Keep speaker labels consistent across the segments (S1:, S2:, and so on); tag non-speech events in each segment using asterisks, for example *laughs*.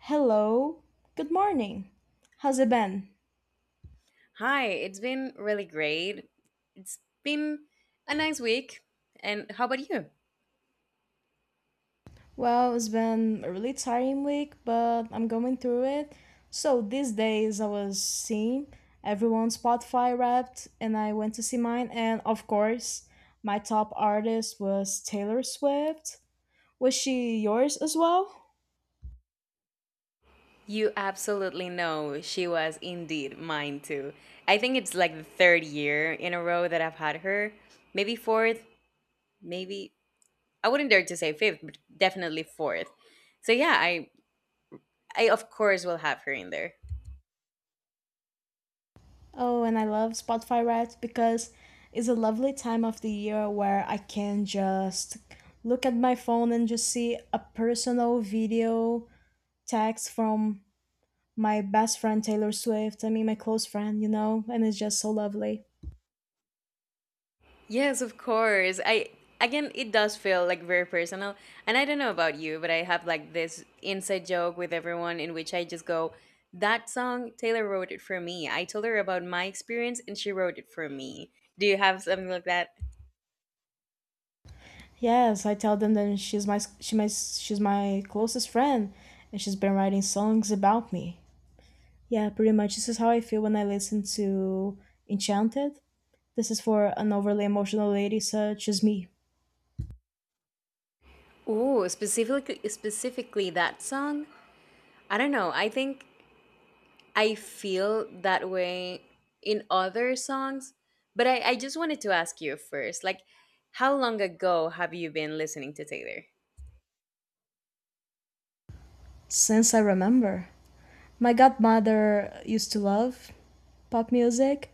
S1: Hello. Good morning. How's it been?
S2: Hi, it's been really great. It's been a nice week. And how about you?
S1: Well, it's been a really tiring week, but I'm going through it. So these days I was seeing everyone's Spotify Wrapped, and I went to see mine, and of course, my top artist was Taylor Swift. Was she yours as well?
S2: You absolutely know she was indeed mine too. I think it's like the third year in a row that I've had her. Maybe fourth, maybe I wouldn't dare to say fifth, but definitely fourth. So yeah, I of course will have her in there.
S1: Oh, and I love Spotify Wrapped because it's a lovely time of the year where I can just look at my phone and just see a personal video tags from my best friend Taylor Swift. My close friend. And it's just so lovely.
S2: Yes, of course. I Again, it does feel like very personal. And I don't know about you, but I have like this inside joke with everyone in which I just go, "That song, Taylor wrote it for me. I told her about my experience, and she wrote it for me." Do you have something like that?
S1: Yes, I tell them that she's my closest friend, and she's been writing songs about me. Yeah, pretty much. This is how I feel when I listen to Enchanted. This is for an overly emotional lady such as me.
S2: Ooh, specifically, specifically that song. I don't know. I think I feel that way in other songs, but I just wanted to ask you first, like, how long ago have you been listening to Taylor?
S1: Since I remember, my godmother used to love pop music,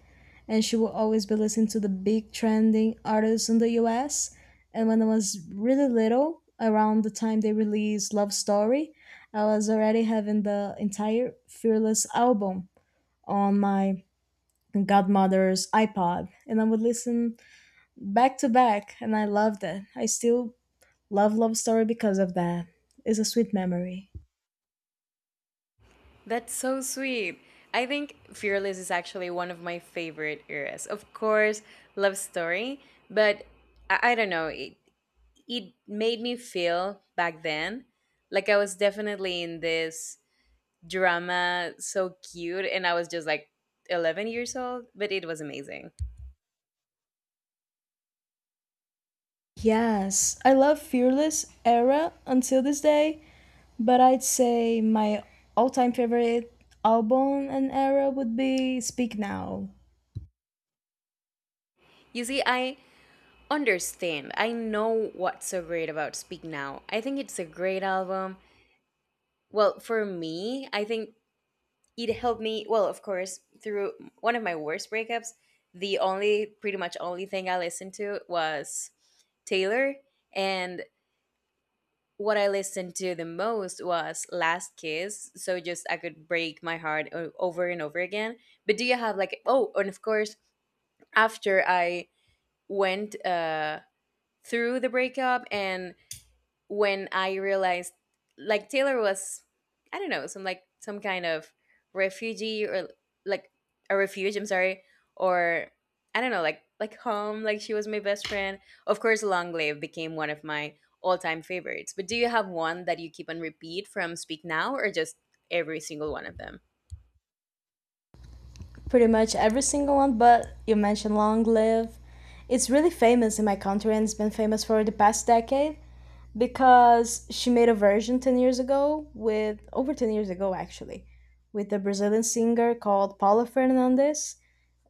S1: and she will always be listening to the big trending artists in the US. And when I was really little, around the time they released Love Story, I was already having the entire Fearless album on my godmother's iPod, and I would listen back to back, and I loved it. I still love Love Story because of that. It's a sweet memory.
S2: That's so sweet. I think Fearless is actually one of my favorite eras. Of course, Love Story, but I don't know. It made me feel back then like I was definitely in this drama so cute, and I was just like 11 years old, but it was amazing.
S1: Yes, I love Fearless era until this day, but I'd say my all time favorite album and era would be Speak Now.
S2: You see, I understand. I know what's so great about Speak Now. I think it's a great album. Well, for me, I think it helped me, well, of course, through one of my worst breakups. The only, pretty much only, thing I listened to was taylor, and what I listened to the most was last kiss, so just I could break my heart over and over again. But do you have like, oh, and of course, after I went through the breakup and when I realized like Taylor was, I don't know, some kind of refugee, or like a refuge, I'm sorry, or I don't know, like home, like she was my best friend. Of course Long Live became one of my all time favorites. But do you have one that you keep on repeat from Speak Now or just every single one of them?
S1: Pretty much every single one, but you mentioned Long Live. It's really famous in my country and it's been famous for the past decade because she made a version 10 years ago, with over 10 years ago actually, with a Brazilian singer called Paula Fernandes,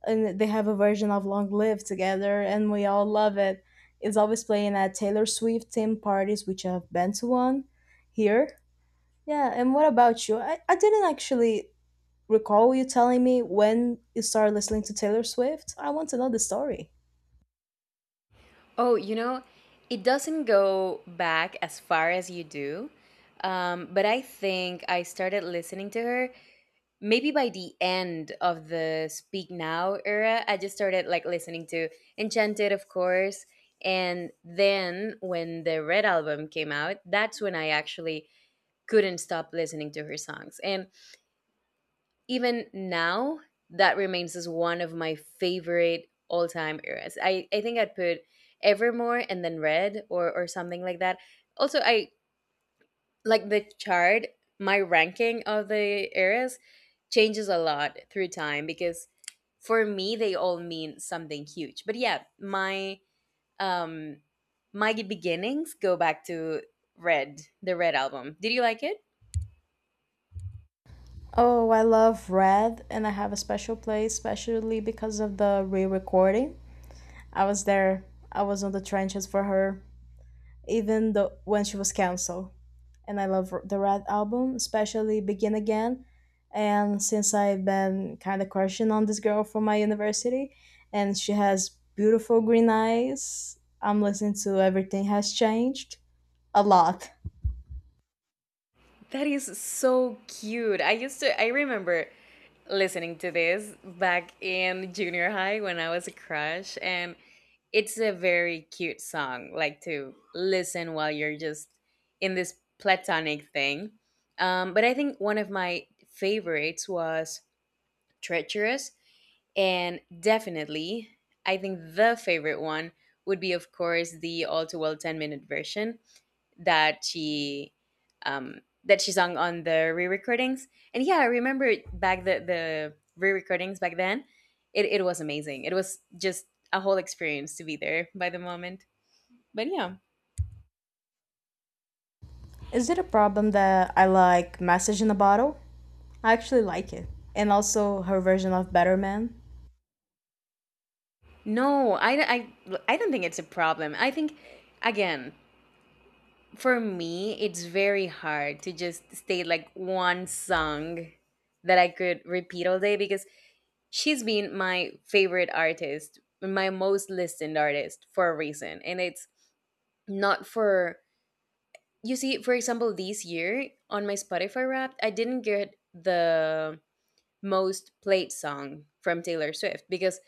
S1: and they have a version of Long Live together, and we all love it. It's always playing at Taylor Swift themed parties, which I've been to one here. Yeah, and what about you? I didn't actually recall you telling me when you started listening to Taylor Swift. I want to know the story.
S2: Oh, you know, it doesn't go back as far as you do. But I think I started listening to her maybe by the end of the Speak Now era. I just started like listening to Enchanted, of course, and then when the Red album came out, that's when I actually couldn't stop listening to her songs. And even now, that remains as one of my favorite all-time eras. I think I'd put Evermore and then Red, or something like that. Also, I like the chart, my ranking of the eras changes a lot through time because for me they all mean something huge. But yeah, my um my beginnings go back to Red, the Red album. Did you like it?
S1: Oh, I love Red, and I have a special place, especially because of the re recording. I was there, I was on the trenches for her, even though when she was canceled. And I love the Red album, especially Begin Again. And since I've been kind of crushing on this girl from my university, and she has beautiful green eyes, I'm listening to Everything Has Changed a lot.
S2: That is so cute. I remember listening to this back in junior high when I was a crush and it's a very cute song, like to listen while you're just in this platonic thing. But I think one of my favorites was Treacherous, and definitely, I think the favorite one would be, of course, the All Too Well 10 minute version that she that she sung on the re-recordings. And yeah, I remember back the re-recordings back then. It was amazing. It was just a whole experience to be there by the moment. But yeah,
S1: Is it a problem that I like Message in a Bottle? I actually like it. And also her version of Better Man.
S2: no, I don't think it's a problem. I think again, for me, it's very hard to just stay like one song that I could repeat all day because she's been my favorite artist, my most listened artist for a reason, and it's not for, you see, for example, this year on my Spotify Wrapped, I didn't get the most played song from Taylor Swift because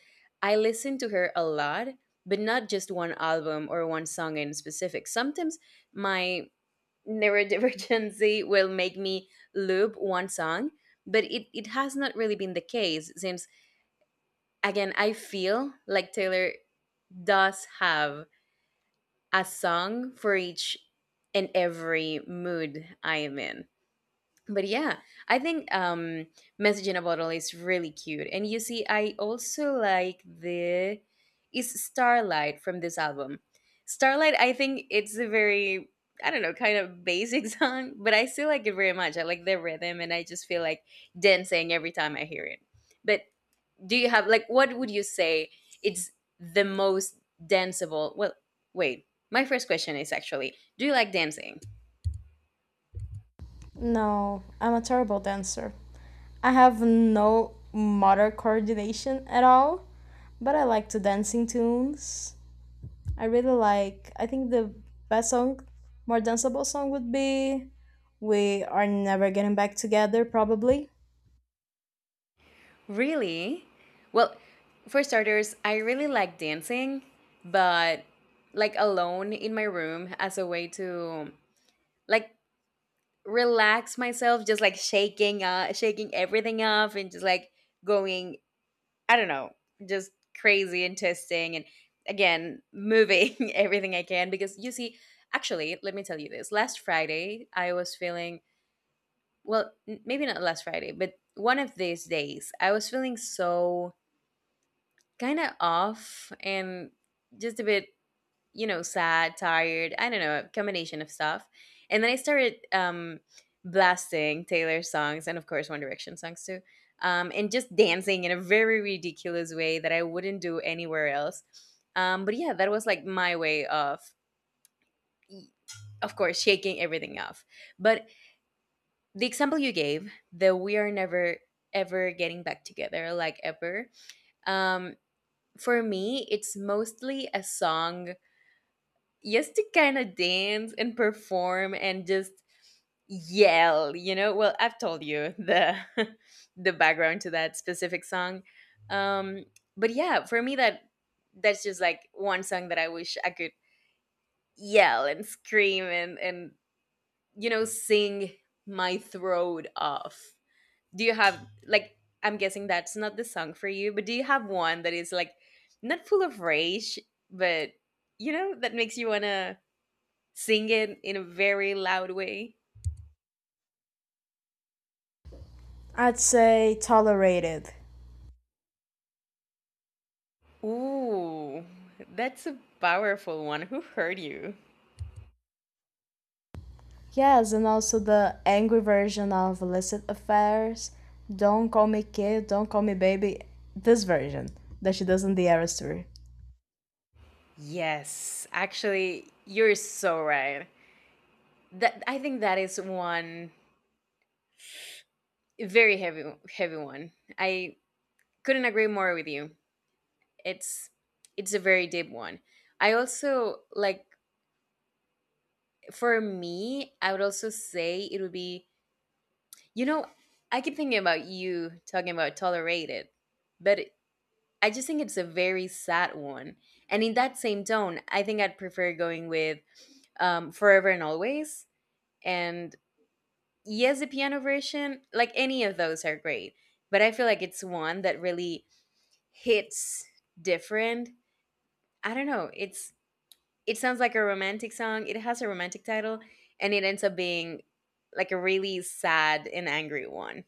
S2: I listen to her a lot, but not just one album or one song in specific. Sometimes my neurodivergency *laughs* will make me loop one song, but it has not really been the case since, again, I feel like Taylor does have a song for each and every mood I am in. But yeah, I think Message in a Bottle is really cute. And you see, I also like the, is Starlight from this album. Starlight, I think it's a very, I don't know, kind of basic *laughs* song, but I still like it very much. I like the rhythm and I just feel like dancing every time I hear it. But do you have like, what would you say it's the most danceable, well, wait, my first question is actually, do you like dancing?
S1: No, I'm a terrible dancer. I have no motor coordination at all, but I like to dancing tunes. I think the best song, more danceable song would be We Are Never Getting Back Together, probably.
S2: Really? Well, for starters, I really like dancing, but like alone in my room as a way to, like, relax myself, just like shaking everything off and just like going, I don't know, just crazy and testing and, again, moving *laughs* everything I can because you see, actually, let me tell you this. Last Friday, I was feeling, well, maybe not last Friday, but one of these days, I was feeling so kind of off and just a bit, you know, sad, tired, I don't know, a combination of stuff. And then I started blasting Taylor songs and, of course, One Direction songs too, and just dancing in a very ridiculous way that I wouldn't do anywhere else. But yeah, that was like my way of course, shaking everything off. But the example you gave, that we are never ever getting back together, like ever, um, for me, it's mostly a song used to kind of dance and perform and just yell, you know. Well, I've told you the *laughs* the background to that specific song. um but yeah, for me, that's just like one song that I wish I could yell and scream and you know, sing my throat off. Do you have like, I'm guessing that's not the song for you, but do you have one that is like not full of rage, but, you know, that makes you want to sing it in a very loud way?
S1: I'd say Tolerated.
S2: Ooh, that's a powerful one. Who hurt you?
S1: Yes, and also the angry version of Illicit Affairs. Don't call me kid, don't call me baby. This version that she does in the Eras tour.
S2: Yes, actually, you're so right. That, I think that is one very heavy heavy one. I couldn't agree more with you. It's it's a very deep one. I also like, for me, I would also say it would be, you know, I keep thinking about you talking about tolerated, but I just think it's a very sad one. And in that same tone, I think I'd prefer going with, Forever and Always. And yes, the piano version, like any of those are great. But I feel like it's one that really hits different. I don't know. It sounds like a romantic song. It has a romantic title and it ends up being like a really sad and angry one.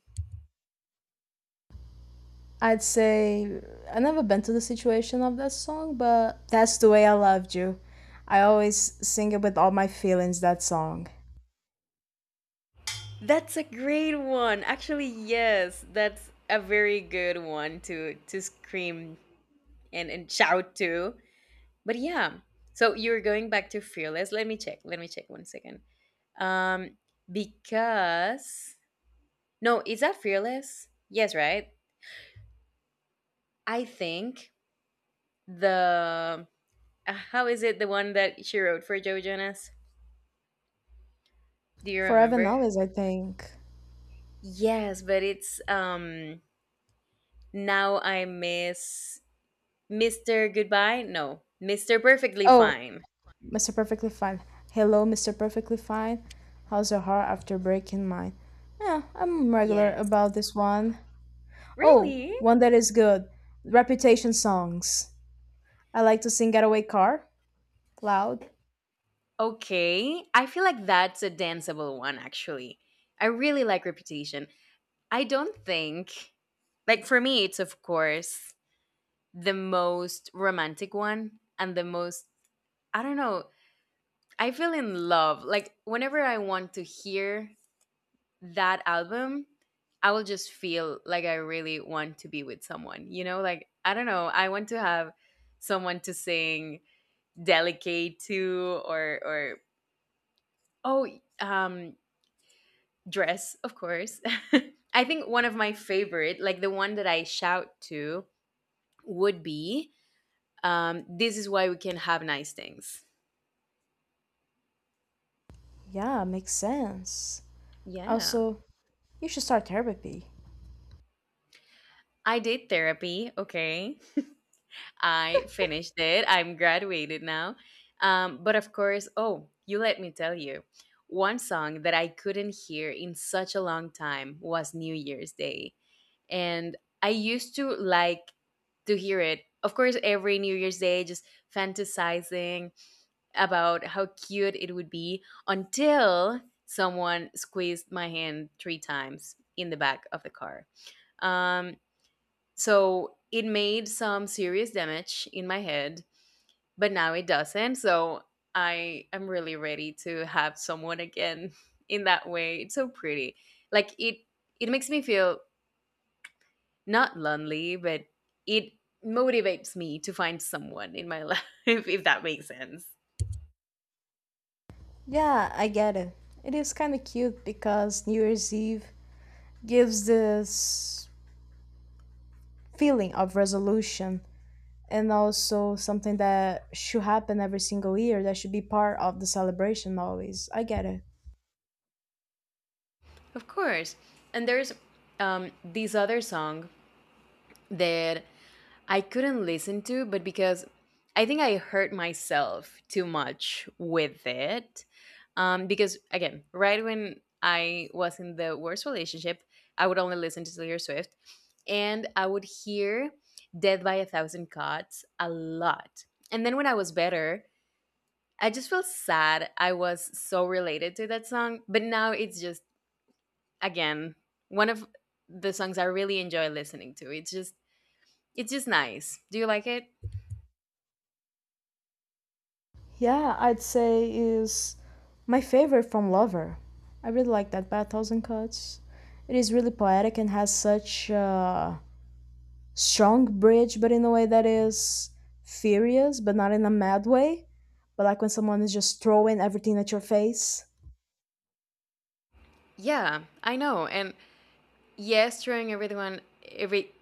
S1: I'd say I never been to the situation of that song, but that's the way I loved you. I always sing it with all my feelings, that song.
S2: That's a great one. Actually, yes, that's a very good one to scream and shout too. But yeah, so you're going back to Fearless. Let me check. Let me check one second. Um, because no, is that Fearless? Yes, right. I think the how is it the one that she wrote for Joe Jonas? Do you
S1: Forever and
S2: remember?
S1: Always, I think.
S2: Yes, but it's now I miss Mr. Goodbye. No, Mr. Perfectly
S1: Oh,
S2: Fine.
S1: Mr. Perfectly Fine. Hello, Mr. Perfectly Fine. How's your heart after breaking mine? Yeah, I'm regular
S2: Yes.
S1: about this one. Oh,
S2: Really?
S1: one that is good. Reputation songs. I like to sing Getaway Car, loud.
S2: Okay, I feel like that's a danceable one actually. I really like Reputation. I don't think, like for me it's of course the most romantic one and the most, I don't know, I feel in love. Like whenever I want to hear that album, I will just feel like I really want to be with someone. You know, like I don't know, I want to have someone to sing delicate to, or oh, um dress, of course. *laughs* I think one of my favorite, like the one that I shout to, would be, this is why we can have nice things.
S1: Yeah, makes sense.
S2: Yeah.
S1: Also, you should start therapy.
S2: I did therapy. Okay. I finished it. I'm graduated now. But of course, oh, you let me tell you, one song that I couldn't hear in such a long time was New Year's Day. And I used to like to hear it. Of course, every New Year's Day, just fantasizing about how cute it would be until someone squeezed my hand 3 times in the back of the car. Um, so it made some serious damage in my head, but now it doesn't. So I am really ready to have someone again *laughs* in that way. It's so pretty. Like it makes me feel not lonely, but it motivates me to find someone in my *laughs* life if that makes sense.
S1: Yeah, I get it. It is kind of cute because New Year's Eve gives this feeling of resolution and also something that should happen every single year that should be part of the celebration always. I get it.
S2: Of course. And there's this other song that I couldn't listen to, but because I think I hurt myself too much with it. Because, again, right when I was in the worst relationship, I would only listen to Taylor Swift and I would hear Death by a Thousand Cuts a lot. And then when I was better, I just felt sad. I was so related to that song, but now it's just again one of the songs I really enjoy listening to. It's just nice. Do you like it?
S1: Yeah, I'd say is my favorite from Lover. I really like that by 1,000 cuts. It is really poetic and has such strong bridge, but in a way that is furious, but not in a mad way. But like when someone is just throwing everything at your face.
S2: Yeah, I know. And yes, throwing everyone every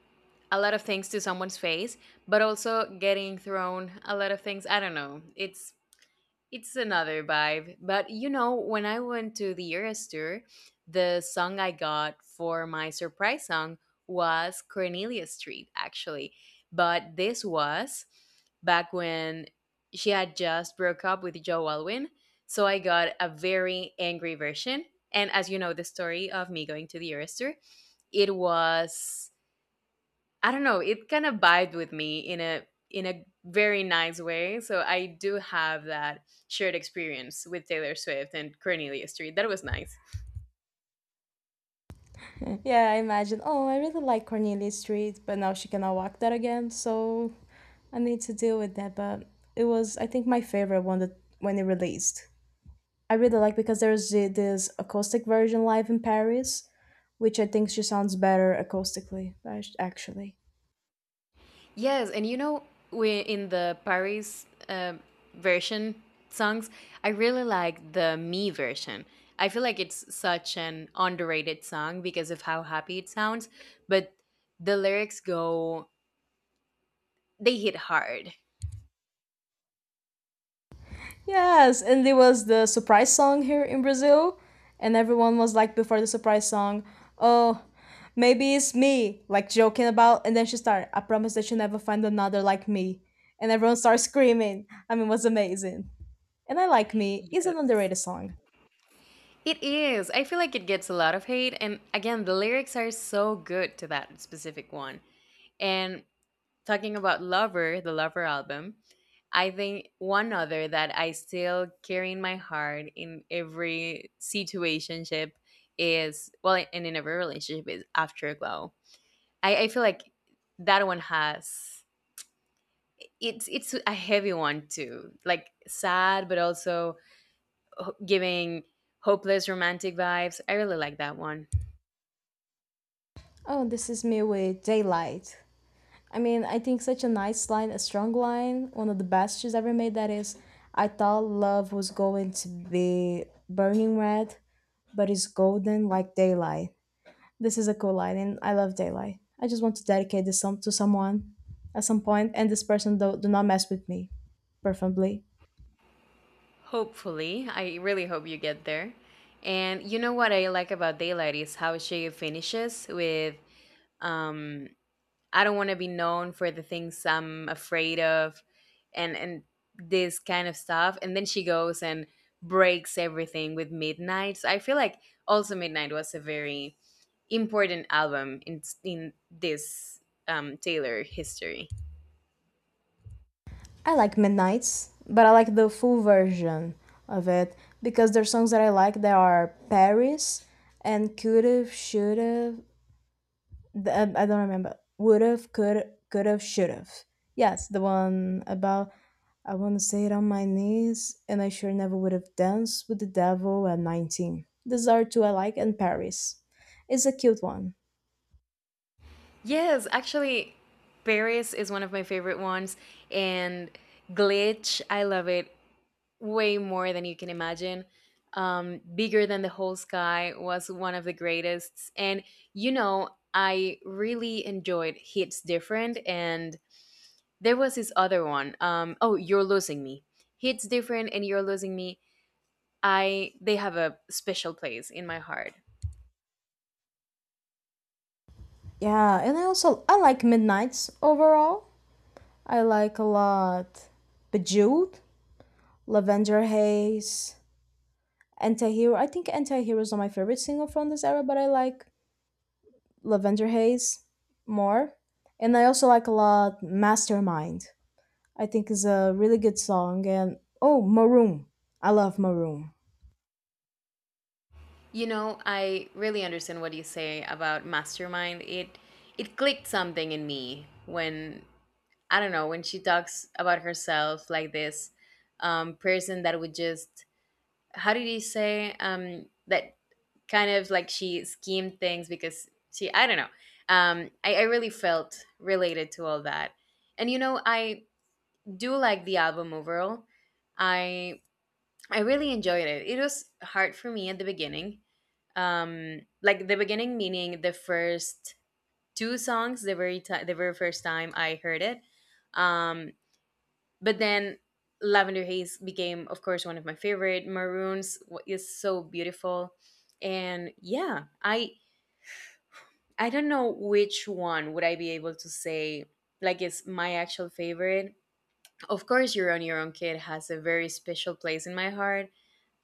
S2: a lot of things to someone's face, but also getting thrown a lot of things. I don't know. It's another vibe. But you know, when I went to the Eras tour, the song I got for my surprise song was Cornelia Street, actually. But this was back when she had just broke up with Joe Alwyn. So I got a very angry version. And as you know, the story of me going to the Eras tour, it was I don't know, it kind of vibed with me in a very nice way. So I do have that shared experience with Taylor Swift and Cornelia Street. That was nice.
S1: *laughs* Yeah, I imagine, oh, I really like Cornelia Street, but now she cannot walk that again, so I need to deal with that. But it was, I think, my favorite one that when it released. I really like because this acoustic version live in Paris, which I think she sounds better acoustically, actually.
S2: Yes, and you know, we in the Paris version songs, I really like the me version. I feel like it's such an underrated song because of how happy it sounds, but the lyrics go they hit hard.
S1: Yes, and there was the surprise song here in Brazil, and everyone was like before the surprise song, oh, maybe it's me, like joking about, and then she started, I promise that you'll never find another like me. And everyone started screaming. It was amazing. And I Like Me is an
S2: Yes,
S1: underrated song.
S2: it is. I feel like it gets a lot of hate. And again, the lyrics are so good to that specific one. And talking about Lover, the Lover album, I think one other that I still carry in my heart in every situationship is, well, and in every relationship is Afterglow. I feel like that one has, it's a heavy one too, like sad, but also giving hopeless romantic vibes. I really like that one.
S1: Oh, this is me with Daylight. I think such a nice line, a strong line, one of the best she's ever made. That is, I thought love was going to be burning red, but it's golden like daylight. This is a cool line, and I love daylight. I just want to dedicate this song to someone at some point, and this person do not mess with me, preferably.
S2: Hopefully, I really hope you get there. And you know what I like about Daylight is how she finishes with um I don't want to be known for the things I'm afraid of and this kind of stuff, and then she goes and breaks everything with Midnight. So I feel like also Midnight was a very important album in this Taylor history.
S1: I like Midnight's, but I like the full version of it because there are songs that I like that are Paris and Could've, Should've, the, I don't remember. Would've, could, could've, should've. Yes, the one about I want to say it on my knees, and I sure never would have danced with the devil at 19. These are two I like, and Paris. It's a cute one.
S2: Yes, actually, Paris is one of my favorite ones, and Glitch, I love it way more than you can imagine. Bigger Than the Whole Sky was one of the greatest. And, you know, I really enjoyed Hits Different, and there was this other one. Oh, You're Losing Me. Hits Different and You're Losing Me. I they have a special place in my heart.
S1: Yeah, and I also I like Midnights overall. I like a lot Bejeweled, Lavender Haze, Antihero. I think Antihero is not my favorite single from this era, but I like Lavender Haze more. And I also like a lot Mastermind. I think is a really good song and oh Maroon. I love Maroon.
S2: You know, I really understand what you say about Mastermind. It clicked something in me when I don't know when she talks about herself like this person that would just how did he say that kind of like she schemed things because she I don't know. I really felt related to all that, and you know I do like the album overall. I I really enjoyed it. It was hard for me at the beginning. Like the beginning meaning the first two songs, the very ti the very first time I heard it. Um, but then Lavender Haze became, of course, one of my favorite. Is so beautiful, and yeah, I don't know which one would I be able to say like is my actual favorite. Of course, You're on Your Own Kid has a very special place in my heart.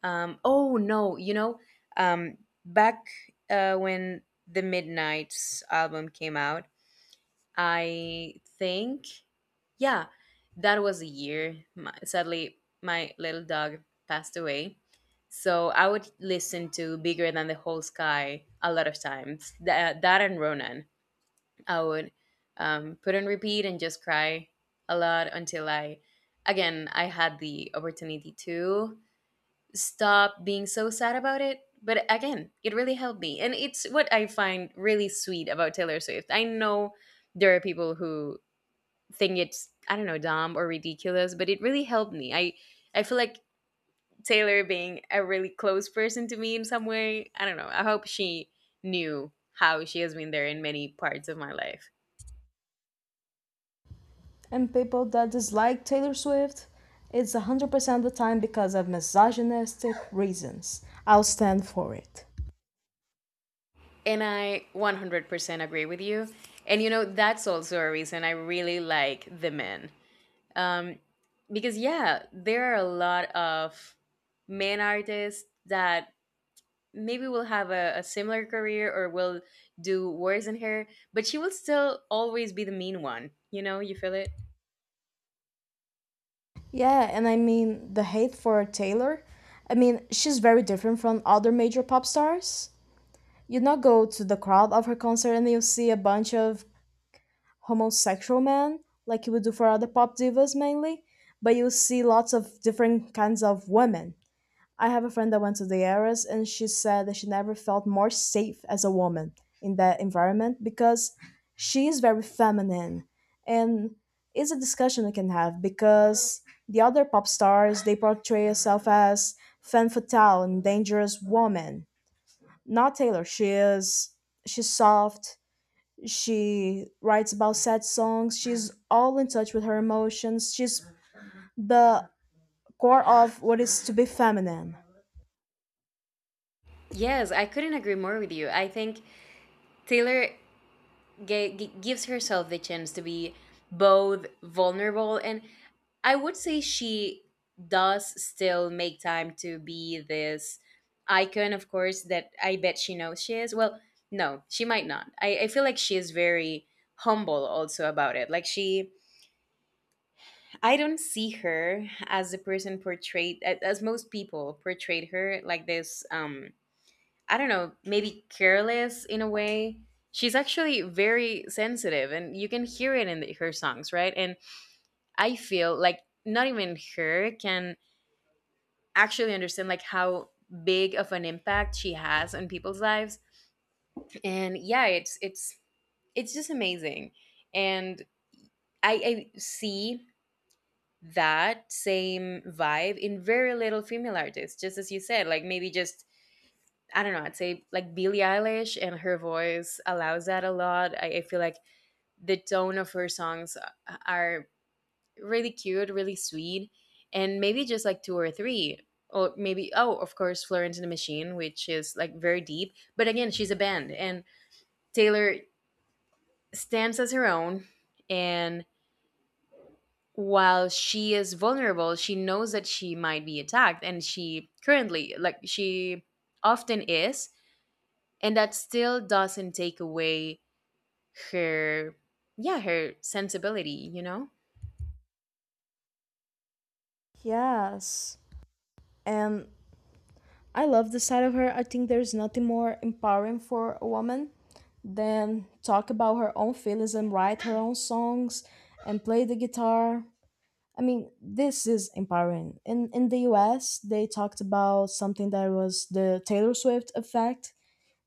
S2: Oh no, you know, um, back when the Midnight's album came out, I think, yeah, that was a year. My, sadly, my little dog passed away. So I would listen to Bigger Than the Whole Sky a lot of times. That and Ronan. I would put on repeat and just cry a lot until again, I had the opportunity to stop being so sad about it. But again, it really helped me. And it's what I find really sweet about Taylor Swift. I know there are people who think it's, I don't know, dumb or ridiculous, but it really helped me. I feel like Taylor being a really close person to me in some way, I don't know. I hope she knew how she has been there in many parts of my life.
S1: And people that dislike Taylor Swift, it's 100% the time because of misogynistic reasons. I'll stand for it.
S2: And I 100% agree with you. And you know, that's also a reason I really like The Men. um, because yeah, there are a lot of men artists that maybe will have a similar career or will do worse than her, but she will still always be the mean one, you know, you feel it.
S1: Yeah, and I mean the hate for Taylor. I mean, she's very different from other major pop stars. You not go to the crowd of her concert and you'll see a bunch of homosexual man, like you would do for other pop divas mainly, but you see lots of different kinds of women. I have a friend that went to the Eras, and she said that she never felt more safe as a woman in that environment because she is very feminine, and it's a discussion we can have because the other pop stars they portray herself as femme fatale and dangerous woman. Not Taylor. She's soft, she writes about sad songs. She's all in touch with her emotions. She's the core of what is to be feminine.
S2: Yes, I couldn't agree more with you. I think Taylor gives herself the chance to be both vulnerable and I would say she does still make time to be this icon, of course, that I bet she knows she is. Well, no, she might not. I feel like she is very humble also about it. I don't see her as the person portrayed, as most people portrayed her, like this I don't know, maybe careless in a way. She's actually very sensitive and you can hear it in the, her songs, right? And I feel like not even her can actually understand like how big of an impact she has on people's lives. And yeah, it's just amazing. And I see that same vibe in very little female artists, just as you said, like maybe just I don't know, I'd say like Billie Eilish and her voice allows that a lot. I feel like the tone of her songs are really cute, really sweet, and maybe just like two or three. Or maybe, oh, of course, Florence and the Machine, which is like very deep. But again, she's a band, and Taylor stands as her own. And while she is vulnerable, she knows that she might be attacked, and she currently, like, she often is. And that still doesn't take away her yeah her sensibility, you know.
S1: Yes. And I love the side of her. I think there's nothing more empowering for a woman than talk about her own feelings and write her own songs and play the guitar. I mean, this is empowering. In the US, they talked about something that was the Taylor Swift effect,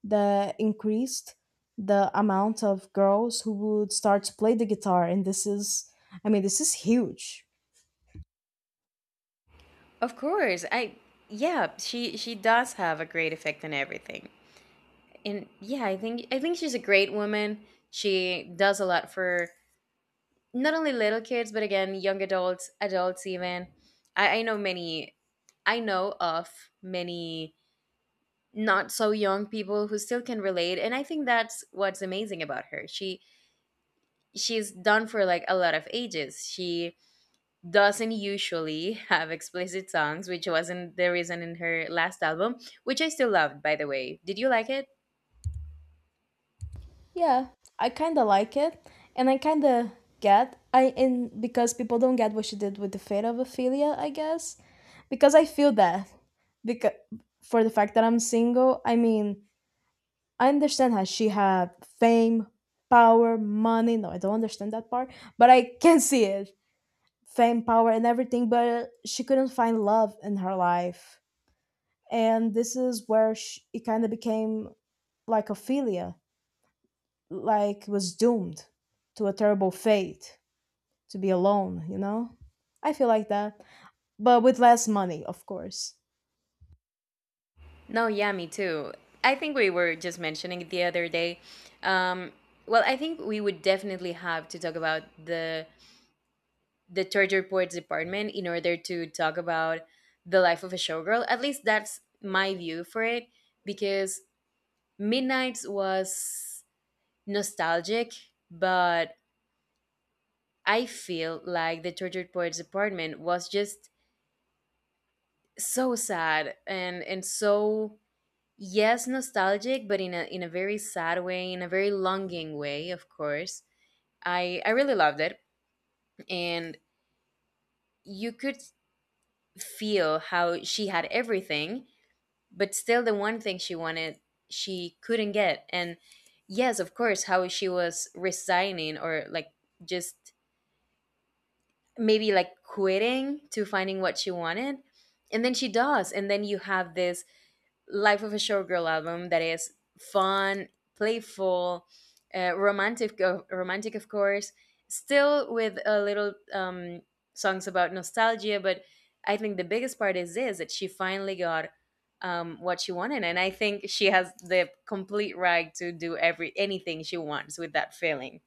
S1: the increased the amount of girls who would start to play the guitar, and this is, I mean, this is huge.
S2: Of course, I yeah, she does have a great effect on everything. And yeah, I think she's a great woman. She does a lot for not only little kids but again young adults, adults even. I know many I know of many not so young people who still can relate, and I think that's what's amazing about her. She's done for like a lot of ages. She doesn't usually have explicit songs, which wasn't the reason in her last album, which I still loved, by the way. Did you like it?
S1: Yeah, I kind of like it, and I kind of get I and because people don't get what she did with the fate of Ophelia, I guess, because I feel that because for the fact that I'm single, I mean, I understand how she had fame, power, money. No, I don't understand that part, but I can see it. Fame, power, and everything, but she couldn't find love in her life. And this is where she, it kind of became like Ophelia, like was doomed to a terrible fate to be alone, you know? I feel like that, but with less money, of course.
S2: No, yeah, me too. I think we were just mentioning it the other day. Um, well, I think we would definitely have to talk about the torture poets department in order to talk about the life of a showgirl. At least that's my view for it, because Midnight's was nostalgic, but I feel like the tortured poets department was just so sad and so yes nostalgic, but in a very sad way, in a very longing way, of course. I really loved it, and you could feel how she had everything, but still the one thing she wanted she couldn't get, and yes, of course, how she was resigning or like just maybe like quitting to finding what she wanted. And then she does. And then you have this Life of a Showgirl album that is fun, playful, romantic, of course, still with a little songs about nostalgia. But I think the biggest part is this that she finally got what she wanted. And I think she has the complete right to do every anything she wants with that feeling.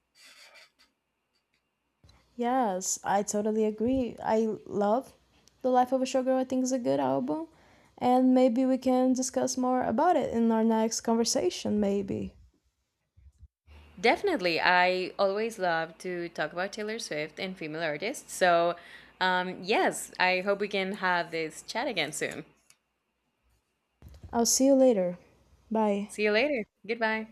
S1: Yes, I totally agree. I love The Life of a Showgirl, I think is a good album. And maybe we can discuss more about it in our next conversation, maybe.
S2: Definitely. I always love to talk about Taylor Swift and female artists. So, yes, I hope we can have this chat again soon.
S1: I'll see you later. Bye.
S2: See you later. Goodbye.